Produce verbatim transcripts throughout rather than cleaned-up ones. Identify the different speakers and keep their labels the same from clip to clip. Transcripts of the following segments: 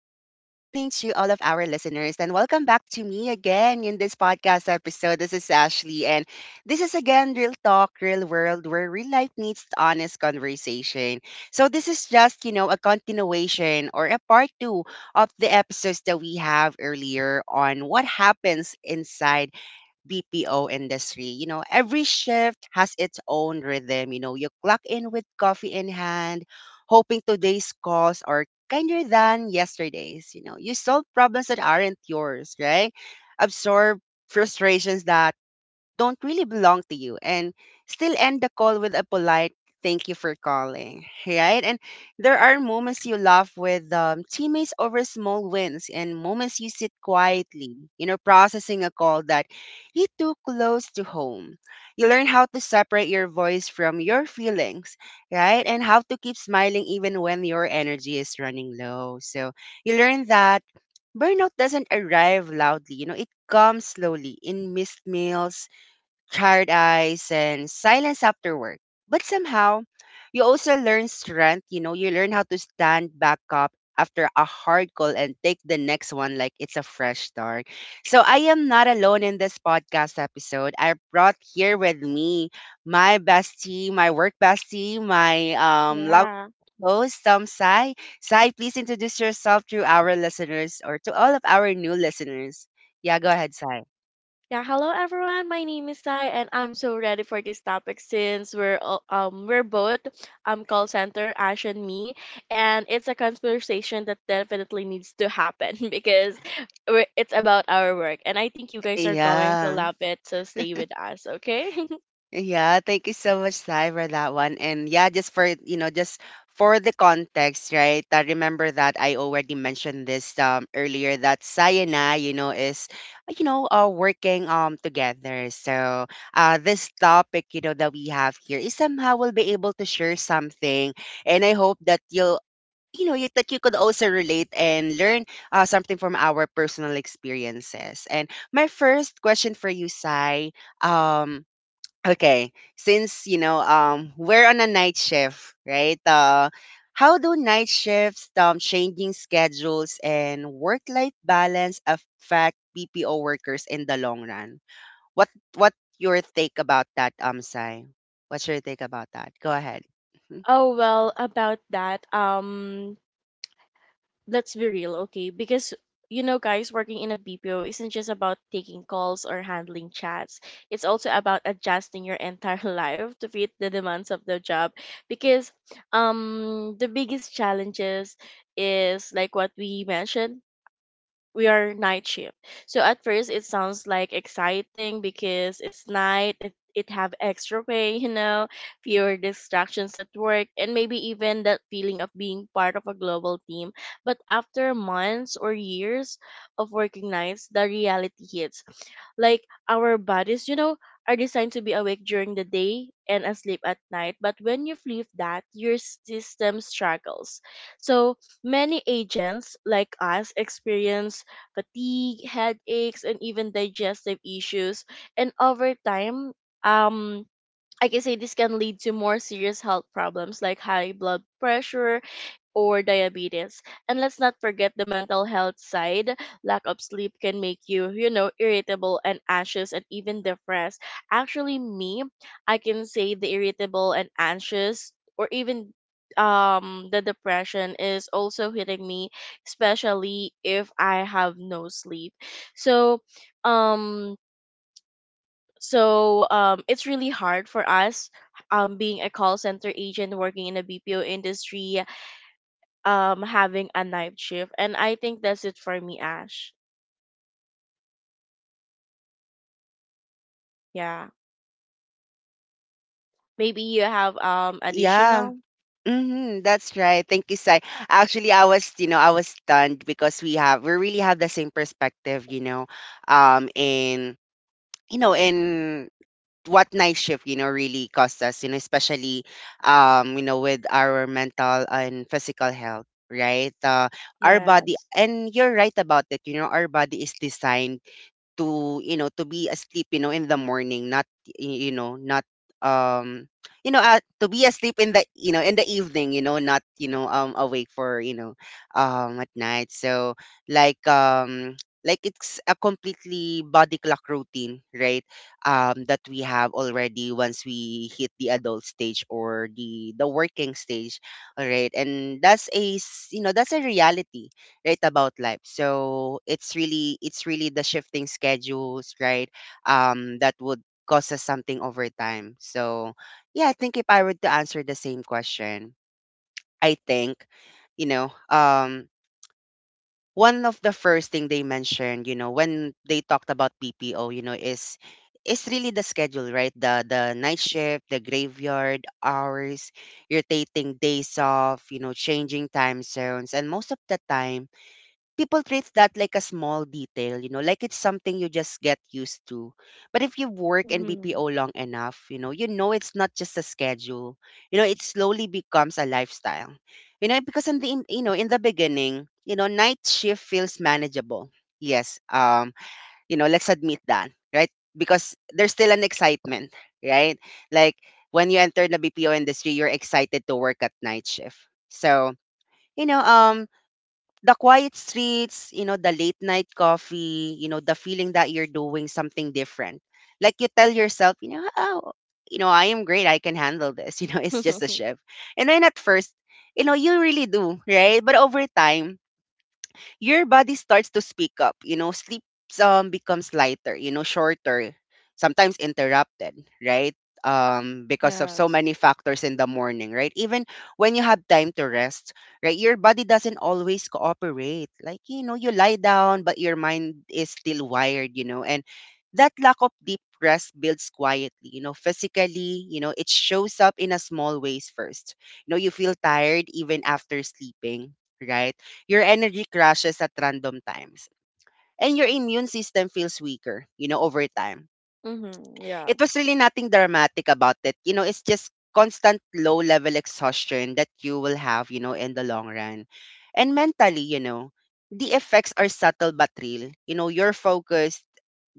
Speaker 1: to all of our listeners. And welcome back to me again in this podcast episode. This is Ashley. And this is again Real Talk, Real World, where real life meets honest conversation. So this is just, you know, a continuation or a part two of the episodes that we have earlier on what happens inside B P O industry. You know, every shift has its own rhythm. You know, you clock in with coffee in hand, hoping today's calls are kinder than yesterday's. You know, you solve problems that aren't yours, right? Absorb frustrations that don't really belong to you and still end the call with a polite thank you for calling, right? And there are moments you laugh with um, teammates over small wins, and moments you sit quietly, you know, processing a call that you took close to home. You learn how to separate your voice from your feelings, right? And how to keep smiling even when your energy is running low. So you learn that burnout doesn't arrive loudly. You know, it comes slowly in missed meals, tired eyes, and silence after work. But somehow, you also learn strength. You know, you learn how to stand back up after a hard call and take the next one like it's a fresh start. So I am not alone in this podcast episode. I brought here with me my bestie, my work bestie, my um love
Speaker 2: Yeah.
Speaker 1: host, um, Sai. Sai, please introduce yourself to our listeners or to all of our new listeners. Yeah, go ahead, Sai.
Speaker 2: Yeah, hello everyone. My name is Sai and I'm so ready for this topic since we're all- um we're both um call center Ash and me, and it's a conversation that definitely needs to happen because we're, it's about our work and I think you guys are going to
Speaker 1: Yeah.
Speaker 2: love it, so stay with us, okay?
Speaker 1: Yeah, thank you so much, Sai, for that one. And yeah, just for you know, just for the context, right? I remember that I already mentioned this um earlier that Sai and I, you know, is uh, you know, uh working um together. So uh this topic, you know, that we have here is somehow we'll be able to share something. And I hope that you'll you know you, that you could also relate and learn uh, something from our personal experiences and my first question for you sai um Okay, since you know, um, we're on a night shift, right? Uh, how do night shifts, um, changing schedules and work-life balance affect B P O workers in the long run? What what your take about that, um, Sai? What's your take about that? Go ahead. Mhm.
Speaker 2: Oh well, about that um let's be real, okay? Because you know, guys, working in a B P O isn't just about taking calls or handling chats. It's also about adjusting your entire life to fit the demands of the job. Because um the biggest challenges is like what we mentioned, we are night shift. So at first it sounds like exciting because it's night, it it have extra pay, you know, fewer distractions at work, and maybe even that feeling of being part of a global team. But after months or years of working nights, the reality hits. Like our bodies, you know, are designed to be awake during the day and asleep at night. But when you leave that, your system struggles. So many agents like us experience fatigue, headaches, and even digestive issues. And over time, um, I can say this can lead to more serious health problems like high blood pressure or diabetes. And let's not forget the mental health side. Lack of sleep can make you, you know, irritable and anxious and even depressed. Actually, me, I can say the irritable and anxious or even um the depression is also hitting me, especially if I have no sleep. so um so um, it's really hard for us, um, being a call center agent working in the B P O industry, um, having a night shift, and I think that's it for me, Ash. Yeah, maybe you have um
Speaker 1: Yeah.
Speaker 2: additional.
Speaker 1: Mm-hmm, that's right. Thank you, Sai. Actually, I was, you know, I was stunned because we have we really have the same perspective, you know, um, in you know, in what night shift, you know, really costs us, you know, especially, um you know, with our mental and physical health, right? Uh, our body.
Speaker 2: Yes.
Speaker 1: And you're right about it. You know, our body is designed to, you know, to be asleep, you know, in the morning, not y- you know, not um you know, uh, to be asleep in the, you know, in the evening, you know, not, you know, um awake for, you know, um at night. So like um like it's a completely body clock routine, right? Um that we have already once we hit the adult stage or the the working stage, all right? And that's a s- you know, that's a reality, right? About life. So it's really, it's really the shifting schedules, right? Um that would cause us something over time. So yeah, I think if I were to answer the same question, I think, you know, um one of the first thing they mentioned, you know, when they talked about P P O, you know, is is really the schedule, right? The the night shift, the graveyard hours, rotating days off, you know, changing time zones. And most of the time people treat that like a small detail, you know, like it's something you just get used to. But if you work in
Speaker 2: Mm-hmm.
Speaker 1: B P O long enough, you know, you know it's not just a schedule. You know, it slowly becomes a lifestyle. You know, because in the in- you know, in the beginning, you know, night shift feels manageable. Yes. Um, you know, let's admit that, right? Because there's still an excitement, right? Like when you enter the B P O industry, you're excited to work at night shift. So, you know, um the quiet streets, you know, the late night coffee, you know, the feeling that you're doing something different. Like you tell yourself, you know, oh, you know, I am great. I can handle this. You know, it's just a shift. And then at first, you know, you really do, right? But over time, your body starts to speak up. You know, sleep um, becomes lighter, you know, shorter, sometimes interrupted, right? Um, because of so
Speaker 2: Yes.
Speaker 1: many factors in the morning, right? Even when you have time to rest, right? Your body doesn't always cooperate. Like, you know, you lie down, but your mind is still wired, you know, and that lack of deep rest builds quietly. You know, physically, you know, it shows up in a small ways first. You know, you feel tired even after sleeping, right? Your energy crashes at random times, and your immune system feels weaker, you know, over time.
Speaker 2: Mm-hmm. Yeah.
Speaker 1: It was really nothing dramatic about it. You know, it's just constant low level exhaustion that you will have, you know, in the long run. And mentally, you know, the effects are subtle but real. You know, your focus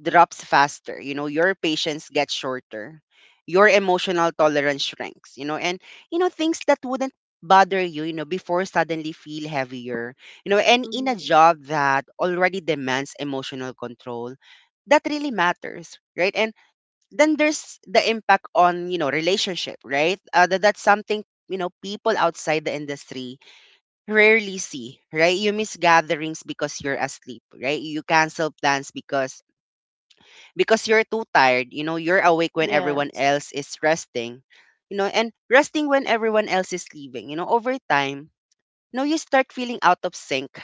Speaker 1: drops faster, you know, your patience gets shorter, your emotional tolerance shrinks, you know, and, you know, things that wouldn't bother you, you know, before suddenly feel heavier, you know, and in a
Speaker 2: Mm-hmm.
Speaker 1: job that already demands emotional control, that really matters, right? And then there's the impact on, you know, relationship, right? uh, that, that's something, you know, people outside the industry rarely see, right? You miss gatherings because you're asleep, right? You cancel plans because because you're too tired. You know, you're awake when everyone
Speaker 2: Yes.
Speaker 1: else is resting, you know, and resting when everyone else is leaving. You know, over time, you know, you start feeling out of sync.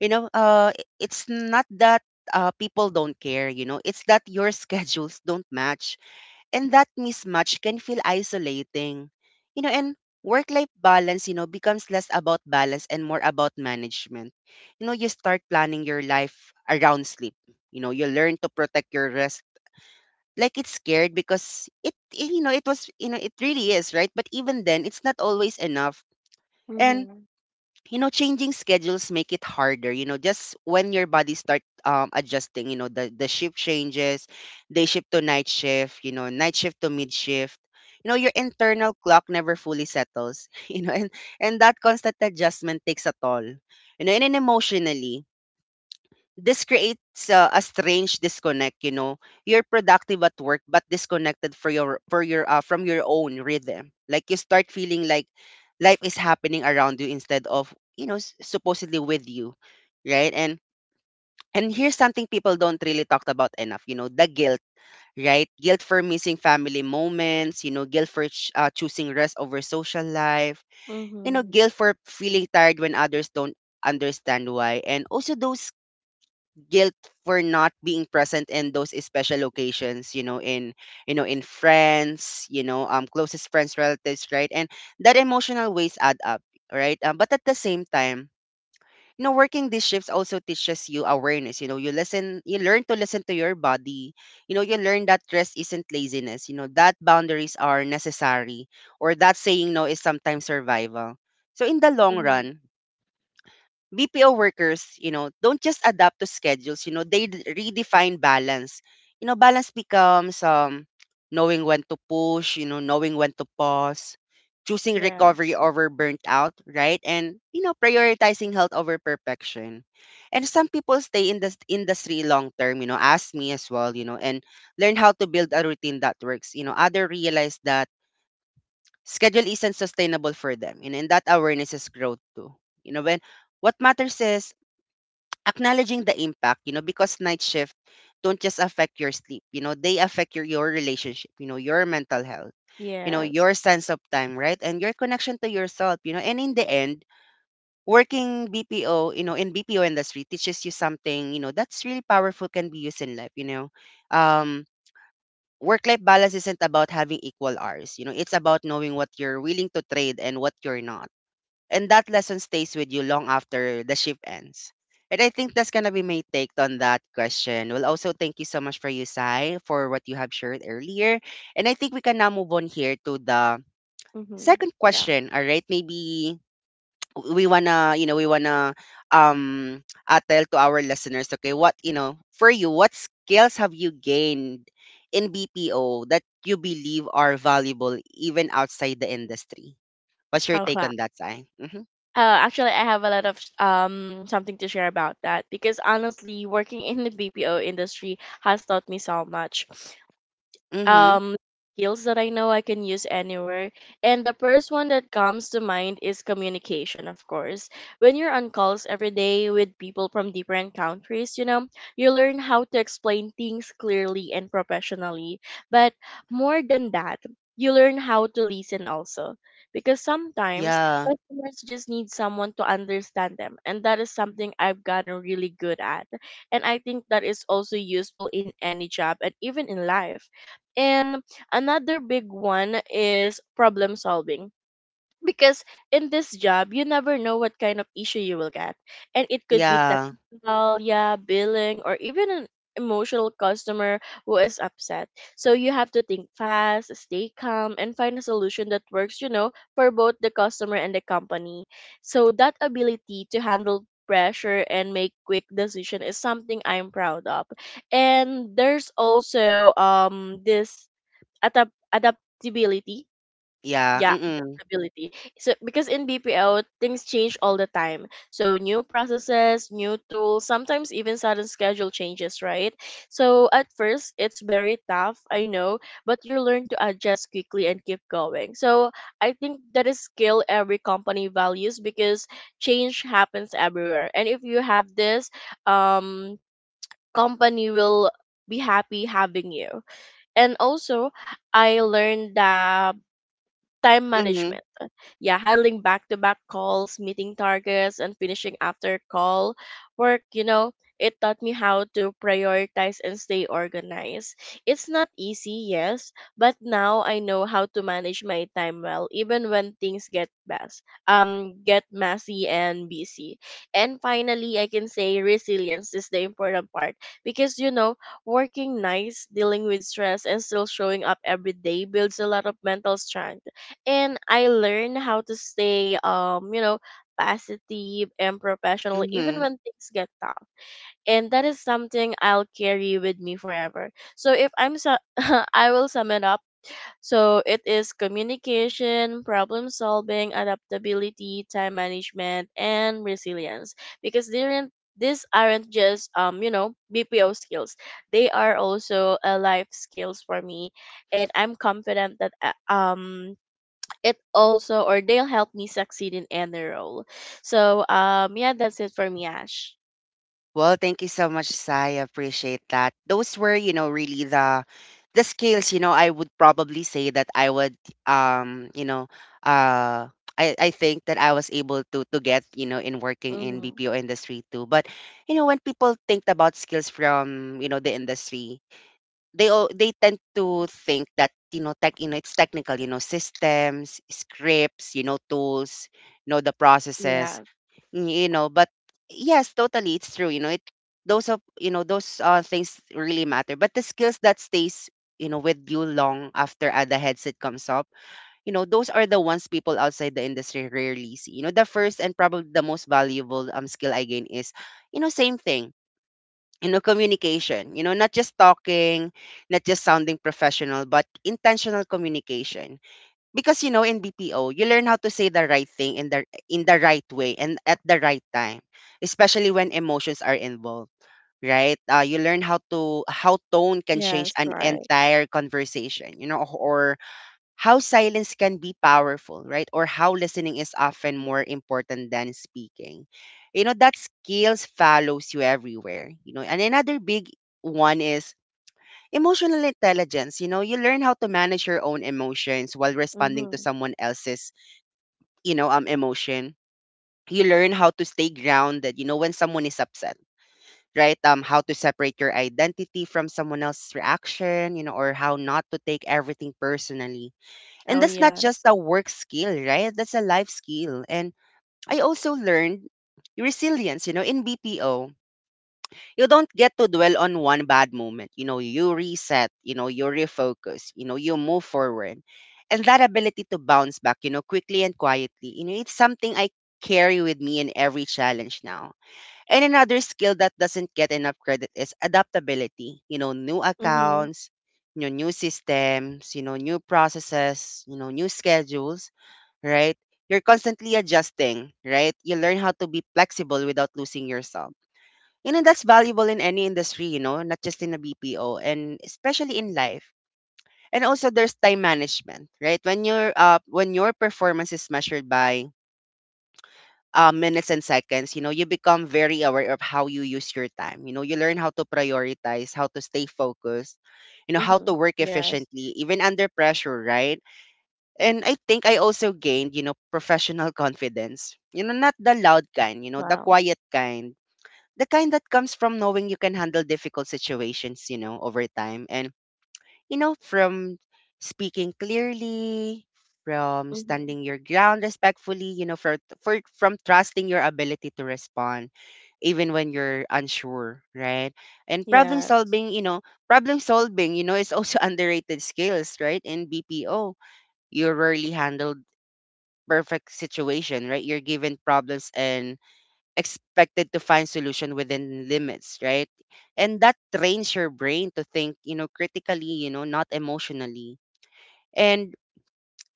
Speaker 1: You know, uh i- it's not that uh, people don't care. You know, it's that your schedules don't match, and that mismatch can feel isolating. You know, and work life balance, you know, becomes less about balance and more about management. You know, you start planning your life around sleep. You know, you learn to protect your rest. Like it's scared, because it, you know, it was, you know, it really is, right? But even then, it's not always enough. And
Speaker 2: Mm-hmm.
Speaker 1: you know, changing schedules make it harder. You know, just when your body start um adjusting, you know, the the shift changes, day shift to night shift, you know, night shift to mid shift, you know, your internal clock never fully settles. You know, and and that constant adjustment takes a toll. You know, and then emotionally this creates uh, a strange disconnect. You know, you're productive at work but disconnected for your for your uh, from your own rhythm. Like you start feeling like life is happening around you instead of, you know, s- supposedly with you, right? and and here's something people don't really talk about enough. You know, the guilt, right? Guilt for missing family moments, you know, guilt for ch- uh, choosing rest over social life, you know,
Speaker 2: Mm-hmm.
Speaker 1: guilt for feeling tired when others don't understand why. And also those guilt for not being present in those special occasions, you know, in, you know, in friends, you know, um closest friends, relatives, right? And that emotional waste add up, right? Um, but at the same time, you know, working these shifts also teaches you awareness. You know, you listen, you learn to listen to your body. You know, you learn that rest isn't laziness, you know, that boundaries are necessary, or that saying no is sometimes survival. So in the long
Speaker 2: Mm-hmm.
Speaker 1: run, B P O workers, you know, don't just adapt to schedules, you know, they d- redefine balance. You know, balance becomes um knowing when to push, you know, knowing when to pause, choosing recovery
Speaker 2: Yes.
Speaker 1: over burnt out, right? And you know, prioritizing health over perfection. And some people stay in the industry long term, you know, ask me as well, you know, and learn how to build a routine that works. You know, other realize that schedule isn't sustainable for them. You know, and that awareness is growth too. You know, when What matters is acknowledging the impact, you know because night shift don't just affect your sleep, you know they affect your your relationship, you know your mental health, you know
Speaker 2: Yes.
Speaker 1: your sense of time, right? And your connection to yourself, you know and in the end, working BPO, you know in BPO industry teaches you something you know that's really powerful, can be used in life. you know um Work life balance isn't about having equal hours, you know it's about knowing what you're willing to trade and what you're not. And that lesson stays with you long after the shift ends. And I think that's gonna be my take on that question. Well, also thank you so much for you, Sai, for what you have shared earlier. And I think we can now move on here to the
Speaker 2: Mm-hmm.
Speaker 1: second
Speaker 2: Yeah.
Speaker 1: question. All right, maybe we wanna, you know, we wanna um uh, tell to our listeners, okay, what you know, for you, what skills have you gained in B P O that you believe are valuable even outside the industry? What's your take
Speaker 2: Okay.
Speaker 1: on that, Sai? Mm-hmm.
Speaker 2: Uh, actually, I have a lot of sh- um something to share about that because honestly, working in the B P O industry has taught me so much
Speaker 1: Mm-hmm.
Speaker 2: um skills that I know I can use anywhere. And the first one that comes to mind is communication, of course. When you're on calls every day with people from different countries, you know, you learn how to explain things clearly and professionally. But more than that, you learn how to listen also. Because sometimes
Speaker 1: Yeah,
Speaker 2: customers just need someone to understand them. And that is something I've gotten really good at. And I think that is also useful in any job and even in life. And another big one is problem solving. Because in this job, you never know what kind of issue you will get. And it could be
Speaker 1: yeah,
Speaker 2: technical, yeah, billing, or even an emotional customer who is upset. So you have to think fast, stay calm, and find a solution that works, you know, for both the customer and the company. So that ability to handle pressure and make quick decision is something I'm proud of. And there's also um this Adapt adaptability.
Speaker 1: yeah.
Speaker 2: Yeah,
Speaker 1: Mm-mm.
Speaker 2: adaptability. So because in B P O things change all the time. So new processes, new tools, sometimes even sudden schedule changes, right? So at first it's very tough, I know, but you learn to adjust quickly and keep going. So I think that is skill every company values because change happens everywhere. And if you have this, um company will be happy having you. And also, I learned that time
Speaker 1: Mm-hmm.
Speaker 2: management. Yeah, handling back to back calls, meeting targets, and finishing after call work, you know, it taught me how to prioritize and stay organized. It's not easy, yes, but now I know how to manage my time well, even when things get mess, um, get messy and busy. And finally, I can say resilience is the important part because you know, working nights, dealing with stress, and still showing up every day builds a lot of mental strength, and I learned how to stay um you know positive and professional
Speaker 1: Mm-hmm.
Speaker 2: even when things get tough. And that is something I'll carry with me forever. So if I'm su- I will sum it up, so it is communication, problem solving, adaptability, time management, and resilience, because they aren't these aren't just um you know B P O skills, they are also a life skills for me. And I'm confident that uh, um it also or they'll help me succeed in any role. So um yeah, that's it for me, Ash.
Speaker 1: Well, thank you so much, Sai. I appreciate that. Those were, you know, really the the skills, you know, I would probably say that I would um, you know, uh I, I think that I was able to to get, you know, in working in
Speaker 2: Mhm.
Speaker 1: B P O industry too. But, you know, when people think about skills from, you know, the industry, they all they tend to think that you know tech, you know it's technical, you know systems, scripts, you know tools, you know the processes,
Speaker 2: Yeah.
Speaker 1: you know but yes, totally, it's true, you know it those of you know those uh, things really matter. But the skills that stays you know with you long after uh, the headset comes up, you know those are the ones people outside the industry rarely see. You know the first and probably the most valuable um skill I gain is, you know same thing, you know communication, you know not just talking, not just sounding professional, but intentional communication. Because you know in B P O you learn how to say the right thing in the in the right way and at the right time, especially when emotions are involved, right? Uh, you learn how to how tone can change
Speaker 2: Yes,
Speaker 1: an
Speaker 2: right.
Speaker 1: entire conversation, you know or how silence can be powerful, right? Or how listening is often more important than speaking. You know, that skills follows you everywhere. You know, and another big one is emotional intelligence. You know, you learn how to manage your own emotions while responding to
Speaker 2: Mhm.
Speaker 1: someone else's, you know, um emotion. You learn how to stay grounded, you know, when someone is upset, right? Um, how to separate your identity from someone else's reaction, you know, or how not to take everything personally. And
Speaker 2: Oh
Speaker 1: that's not just
Speaker 2: yes.
Speaker 1: a work skill, right? That's a life skill. And I also learned resilience, you know, in B P O. You don't get to dwell on one bad moment. You know, you reset, you know, you refocus, you know, you move forward. And that ability to bounce back, you know, quickly and quietly, you know, it's something I carry with me in every challenge now. And another skill that doesn't get enough credit is adaptability. You know, new
Speaker 2: Mhm.
Speaker 1: accounts, you know, new systems, you know, new processes, you know, new schedules, right? You're constantly adjusting, right? You learn how to be flexible without losing yourself. You know, that's valuable in any industry, you know, not just in a B P O, and especially in life. And also there's time management, right? When your uh when your performance is measured by uh, minutes and seconds, you know, you become very aware of how you use your time. You know, you learn how to prioritize, how to stay focused, you know, how to
Speaker 2: Mhm.
Speaker 1: work
Speaker 2: Yes.
Speaker 1: efficiently, even under pressure, right? And I think I also gained, you know, professional confidence. You know, not the loud kind, you know, the
Speaker 2: Wow.
Speaker 1: quiet kind. The kind that comes from knowing you can handle difficult situations, you know, over time. And, you know, from speaking clearly, from
Speaker 2: Mhm.
Speaker 1: standing your ground respectfully, you know, for, for from trusting your ability to respond, even when you're unsure, right? And problem
Speaker 2: Yeah.
Speaker 1: solving, you know, problem solving, you know, is also underrated skills, right? In B P O you rarely handle perfect situation, right? You're given problems and expected to find solution within limits, right? And that trains your brain to think, you know, critically, you know, not emotionally. And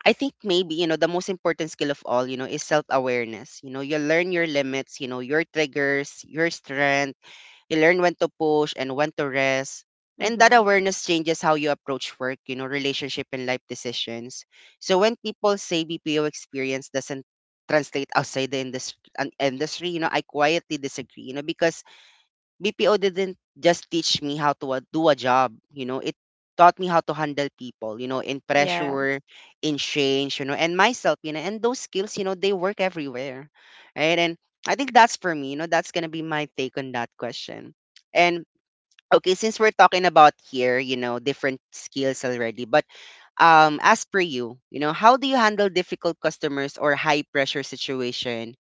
Speaker 1: I think maybe, you know, the most important skill of all, you know, is self awareness. You know, you learn your limits, you know, your triggers, your strengths. You learn when to push and when to rest. And that
Speaker 2: Mhm.
Speaker 1: awareness changes how you approach work, you know, relationship and life decisions. So when people say B P O experience doesn't translate outside the industry, industry, you know, I quietly disagree, you know, because B P O didn't just teach me how to uh, do a job, you know, it taught me how to handle people, you know, in
Speaker 2: Yeah.
Speaker 1: pressure, in change, you know, and myself, you know, and those skills, you know, they work everywhere. Right. And I think that's for me, you know, that's gonna be my take on that question. And okay, since we're talking about here, you know, different skills already, but um as per you, you know, how do you handle difficult customers or high pressure situation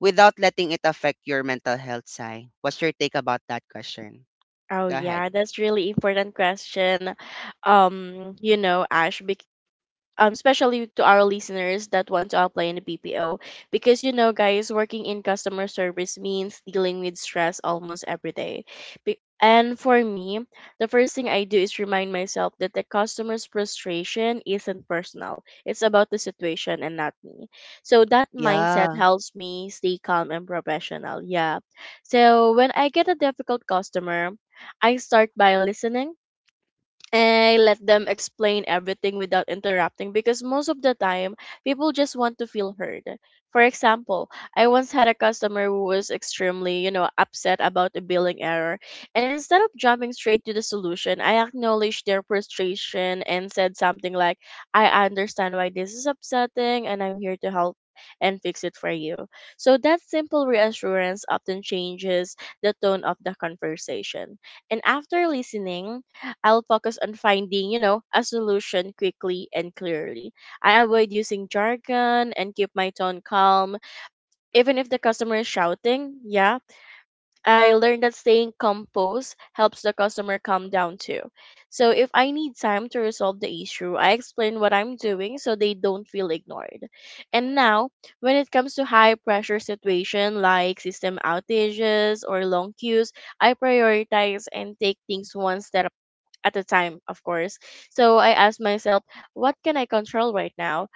Speaker 1: without letting it affect your mental health, Sai? What's your take about that question?
Speaker 2: Oh
Speaker 1: Go ahead.
Speaker 2: yeah, that's really important question. Um, you know, Ash, because um, especially to our listeners that want to apply in the B P O. Because, you know, guys, working in customer service means dealing with stress almost every day. Be- and for me, the first thing I do is remind myself that the customer's frustration isn't personal, it's about the situation and not me. So that mindset
Speaker 1: Yeah.
Speaker 2: helps me stay calm and professional. Yeah. So when I get a difficult customer, I start by listening. I let them explain everything without interrupting because most of the time people just want to feel heard. For example, I once had a customer who was extremely, you know, upset about a billing error, and instead of jumping straight to the solution, I acknowledged their frustration and said something like, "I understand why this is upsetting and I'm here to help." And fix it for you. So that simple reassurance often changes the tone of the conversation. And after listening, I'll focus on finding, you know, a solution quickly and clearly. I avoid using jargon and keep my tone calm. Even if the customer is shouting, yeah, I learned that staying composed helps the customer calm down too. So if I need time to resolve the issue, I explain what I'm doing so they don't feel ignored. And now, when it comes to high pressure situation like system outages or long queues, I prioritize and take things one step at the time, of course. So I ask myself, what can I control right now?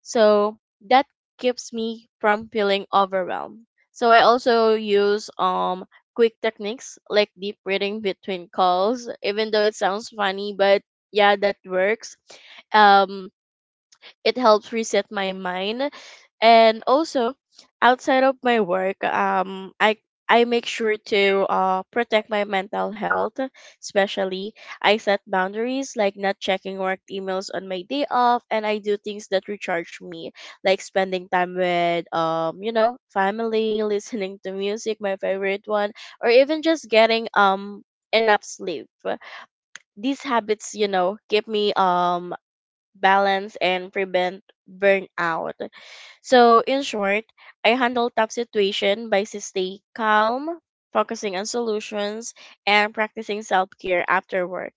Speaker 2: So that keeps me from feeling overwhelmed. So I also use um quick techniques like deep breathing between calls, even though it sounds funny, but yeah, that works. Um it helps reset my mind. And also, outside of my work, um, I I make sure to uh, protect my mental health, especially. I set boundaries like not checking work emails on my day off, and I do things that recharge me, like spending time with, um, you know, family, listening to music, my favorite one, or even just getting um enough sleep. These habits, you know, keep me um balance, and prevent burnout. So, in short, I handle tough situation by s- stay calm, focusing on solutions, and practicing self-care after work.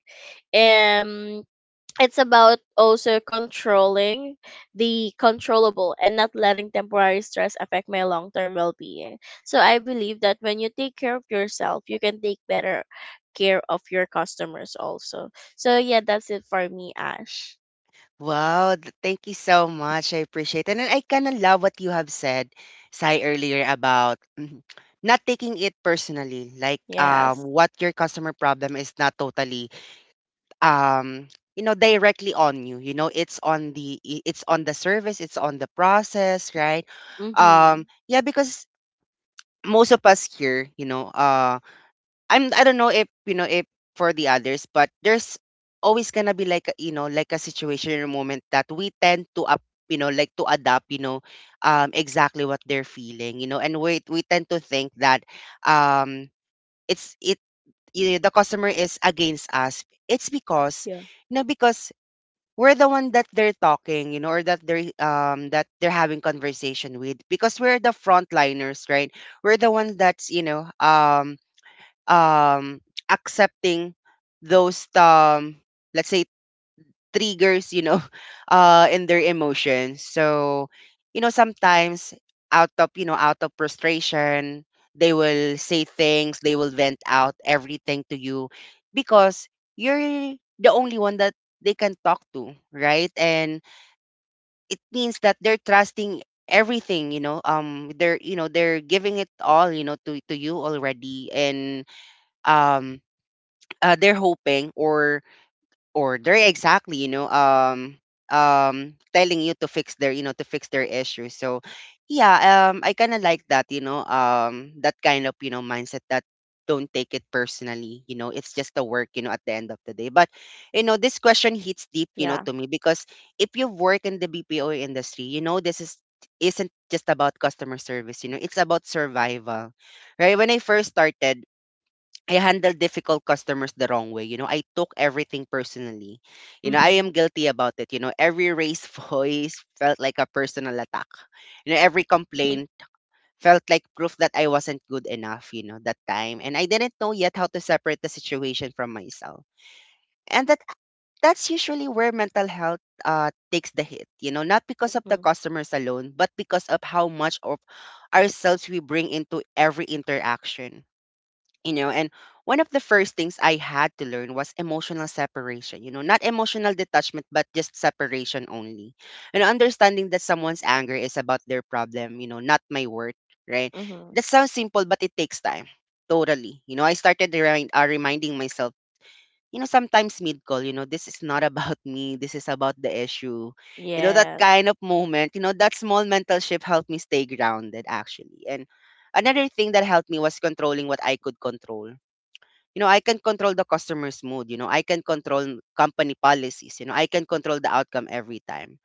Speaker 2: Um, it's about also controlling the controllable and not letting temporary stress affect my long-term well-being. So I believe that when you take care of yourself, you can take better care of your customers also. So yeah, that's it for me, Ash.
Speaker 1: Wow. th- Thank you so much. I appreciate it. And I kind of love what you have said, Sai, earlier about mhm, not taking it personally. Like um,
Speaker 2: Yes.
Speaker 1: what your customer problem is not totally um, you know, directly on you. You know, it's on the i- it's on the service, it's on the process, right? Um,
Speaker 2: Mm-hmm.
Speaker 1: yeah, because most of us here, you know, I'm I don't know if you know if for the others, but there's always gonna be like a, you know like a situation or moment that we tend to up you know like to adapt, you know um exactly what they're feeling, you know and we we tend to think that um it's it you know, the customer is against us. it's because
Speaker 2: Yeah.
Speaker 1: you know because we're the one that they're talking, you know or that they're um that they're having conversation with, because we're the frontliners, right? We're the ones that's, you know um um accepting those, um let's say, triggers, you know uh in their emotions. So you know sometimes, out of you know out of frustration, they will say things, they will vent out everything to you, because you're the only one that they can talk to, right? And it means that they're trusting everything, you know um they're you know they're giving it all, you know to to you already. And um uh, they're hoping, or or they're exactly, you know um um telling you to fix their, you know to fix their issue so yeah, um I kind of like that, you know um that kind of, you know mindset that don't take it personally. You know it's just a work, you know at the end of the day. But you know this question hits deep, you know
Speaker 2: Yeah.
Speaker 1: to me, because if you've worked in the BPO industry, you know this is isn't just about customer service. You know it's about survival, right? When I first started, I handle difficult customers the wrong way. You know, I took everything personally. You know, I
Speaker 2: Mm-hmm.
Speaker 1: am guilty about it. You know, every raised voice felt like a personal attack. You know, every complaint felt like proof that I wasn't good enough, you know, that time. And I didn't know yet how to separate the situation from myself. And that that's usually where mental health uh takes the hit, you know, not because of the
Speaker 2: Mm-hmm.
Speaker 1: customers alone, but because of how much of ourselves we bring into every interaction. You know and one of the first things I had to learn was emotional separation, you know not emotional detachment, but just separation only. You know understanding that someone's anger is about their problem, you know not my worth, right?
Speaker 2: Mm-hmm.
Speaker 1: That sounds simple, but it takes time totally. you know I started remind, uh, reminding myself, you know sometimes mid call, you know this is not about me, this is about the issue. You know that
Speaker 2: Yes.
Speaker 1: kind of moment, you know that small mental shift helped me stay grounded, actually. And another thing that helped me was controlling what I could control. you know, I can control the customer's mood. You know, I can control company policies. You know, I can control the outcome every time.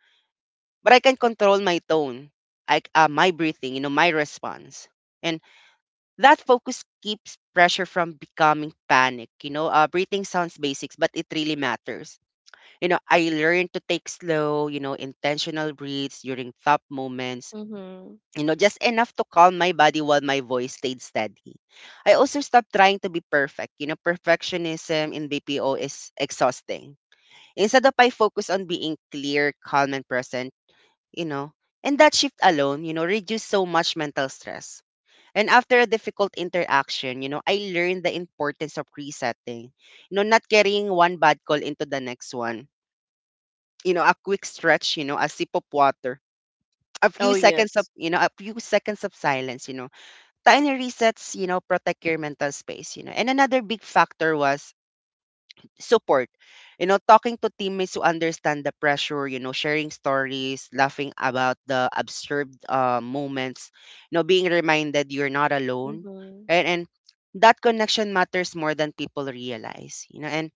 Speaker 1: But I can control my tone, I, c- uh, my breathing, you know, my response. And that focus keeps pressure from becoming panic. You know, uh, breathing sounds basics, but it really matters. You know, I learned to take slow, you know, intentional breaths during tough moments,
Speaker 2: Mm-hmm.
Speaker 1: you know, just enough to calm my body while my voice stayed steady. I also stopped trying to be perfect. You know, perfectionism in B P O is exhausting. Instead of I focus on being clear, calm, and present, you know, and that shift alone, you know, reduced so much mental stress. And after a difficult interaction, you know, I learned the importance of resetting. You know, not carrying one bad call into the next one. You know, a quick stretch, you know, a sip of water, a few
Speaker 2: Oh
Speaker 1: seconds of,
Speaker 2: yes.
Speaker 1: you know, a few seconds of silence, you know, tiny resets, you know, protect your mental space, you know. And another big factor was support. You know, talking to teammates who understand the pressure, you know, sharing stories, laughing about the absurd uh, moments, you know, being reminded you're not alone.
Speaker 2: Mm-hmm.
Speaker 1: Right? And that connection matters more than people realize, you know. And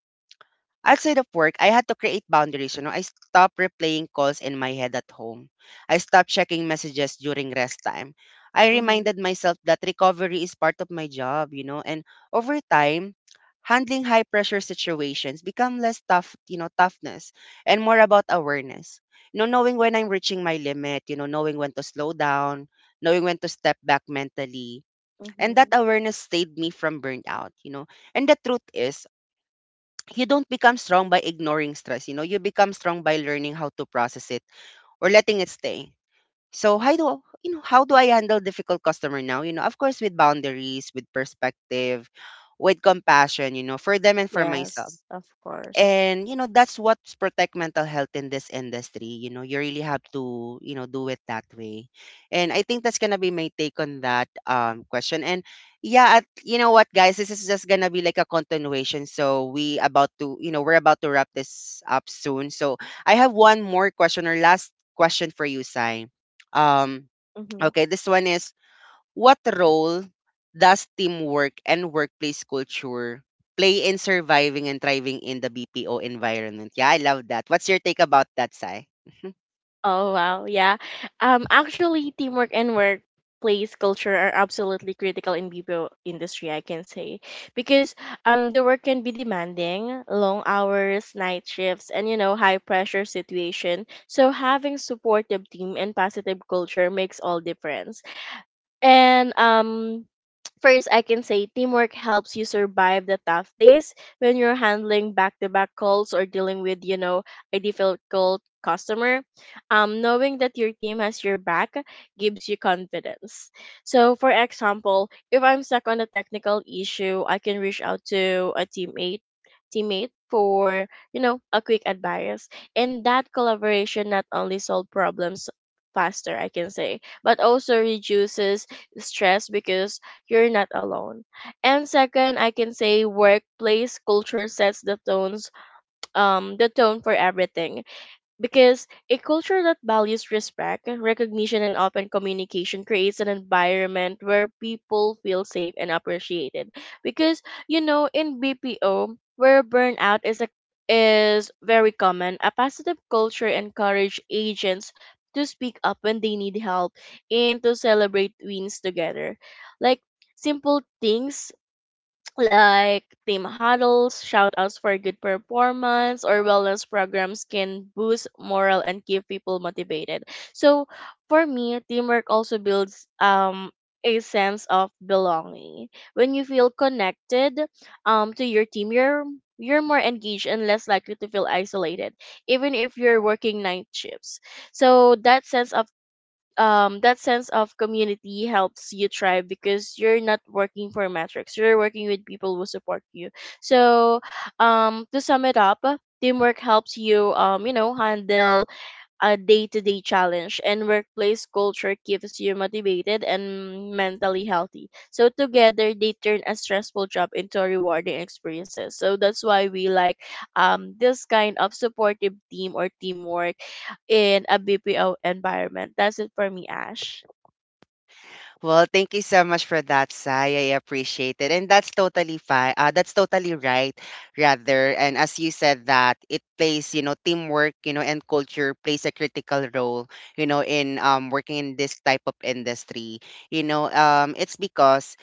Speaker 1: outside of work, I had to create boundaries, you know. I stopped replaying calls in my head at home. I stopped checking messages during rest time. I
Speaker 2: Mm-hmm.
Speaker 1: reminded myself that recovery is part of my job, you know, and over time, handling high pressure situations become less tough, you know, toughness and more about awareness. You know, knowing when I'm reaching my limit, you know, knowing when to slow down, knowing when to step back mentally. And that
Speaker 2: Mm-hmm.
Speaker 1: awareness saved me from burnout, you know. And the truth is, you don't become strong by ignoring stress you know you become strong by learning how to process it or letting it stay. So how do you know how do I handle difficult customer now, you know of course, with boundaries, with perspective, with compassion you know for them and for myself.
Speaker 2: Yes, of course.
Speaker 1: And you know that's what's protect mental health in this industry you know you really have to you know do it that way. And I think that's gonna be my take on that um question. And yeah at, you know what, guys, this is just gonna be like a continuation, so we about to you know we're about to wrap this up soon, so I have one more question or last question for you, Sai. um
Speaker 2: Mm-hmm.
Speaker 1: okay, this one is: what role does teamwork and workplace culture play in surviving and thriving in the B P O environment? Yeah, I love that. What's your take about that, Sai?
Speaker 2: Oh wow, yeah. Um, actually, teamwork and workplace culture are absolutely critical in B P O industry, I can say, because um the work can be demanding, long hours, night shifts, and you know high pressure situation. So having supportive team and positive culture makes all difference. And um First, I can say teamwork helps you survive the tough days when you're handling back-to-back calls or dealing with, you know, a difficult customer. Um, knowing that your team has your back gives you confidence. So, for example, if I'm stuck on a technical issue, I can reach out to a teammate teammate for you know a quick advice, and that collaboration not only solve problems faster, I can say, but also reduces stress because you're not alone. And second, I can say workplace culture sets the tones um the tone for everything. Because a culture that values respect, recognition, and open communication creates an environment where people feel safe and appreciated. Because you know, in B P O, where burnout is a, is very common, a positive culture encourages agents to speak up when they need help and to celebrate wins together. Like simple things like team huddles, shout outs for good performance, or wellness programs can boost morale and keep people motivated. So for me, teamwork also builds um a sense of belonging. When you feel connected um to your team, you're you're more engaged and less likely to feel isolated, even if you're working night shifts. So that sense of um that sense of community helps you thrive because you're not working for metrics, you're working with people who support you. So um to sum it up, teamwork helps you um you know handle a day-to-day challenge, and workplace culture keeps you motivated and mentally healthy, so together they turn a stressful job into a rewarding experiences. So that's why we like um, this kind of supportive team or teamwork in a BPO environment. That's it for me, Ash.
Speaker 1: Well, thank you so much for that, Sai. I appreciate it. And that's totally fine. Uh, that's totally right, rather. And as you said that, it plays, you know, teamwork, you know, and culture plays a critical role, you know, in um working in this type of industry. You know, um it's because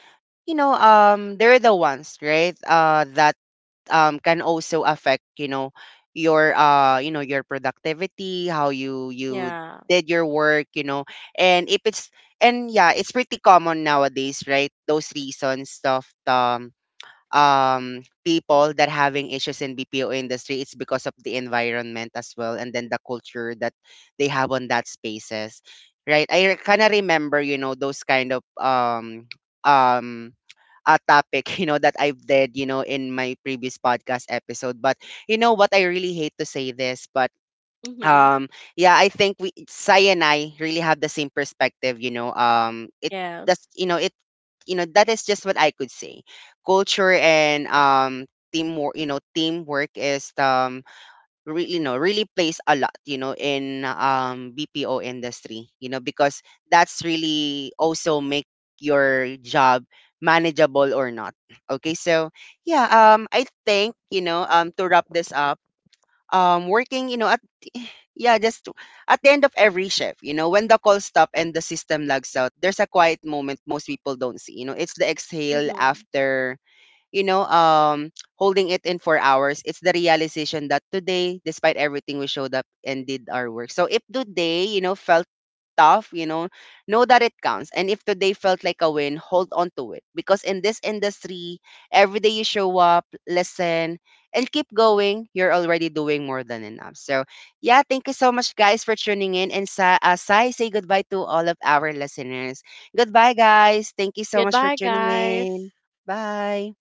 Speaker 1: you know um they're the ones, right? Uh that um can also affect you know your uh you know your productivity, how you you
Speaker 2: Yeah.
Speaker 1: did your work you know and if it's and Yeah, it's pretty common nowadays, right, those reasons stuff um, um people that having issues in B P O industry, it's because of the environment as well and then the culture that they have on that spaces, right? I kind of remember you know those kind of um um a topic you know that I've did you know in my previous podcast episode. But you know what I really hate to say this but
Speaker 2: Hmm.
Speaker 1: um yeah, I think we Sai and I really have the same perspective, you know um it that's
Speaker 2: Yes.
Speaker 1: you know it you know that is just what I could say. Culture and um teamwork, you know teamwork is um really, you know really plays a lot, you know in um BPO industry, you know because that's really also make your job manageable or not. Okay, so yeah, um I think you know um to wrap this up, um working, you know yeah, just at the end of every shift, you know, when the call stop and the system lags out, there's a quiet moment most people don't see. You know, it's the exhale
Speaker 2: Hmm.
Speaker 1: after you know, um, holding it in four hours. It's the realization that today, despite everything, we showed up and did our work. So if today, you know, felt tough, you know, know that it counts. And if today felt like a win, hold on to it. Because in this industry, every day you show up, listen, and keep going, you're already doing more than enough. So, yeah, thank you so much, guys, for tuning in. And sa- uh, Sai, say goodbye to all of our listeners. Goodbye, guys. Thank you so much for
Speaker 2: Goodbye,
Speaker 1: tuning
Speaker 2: guys.
Speaker 1: in. Bye.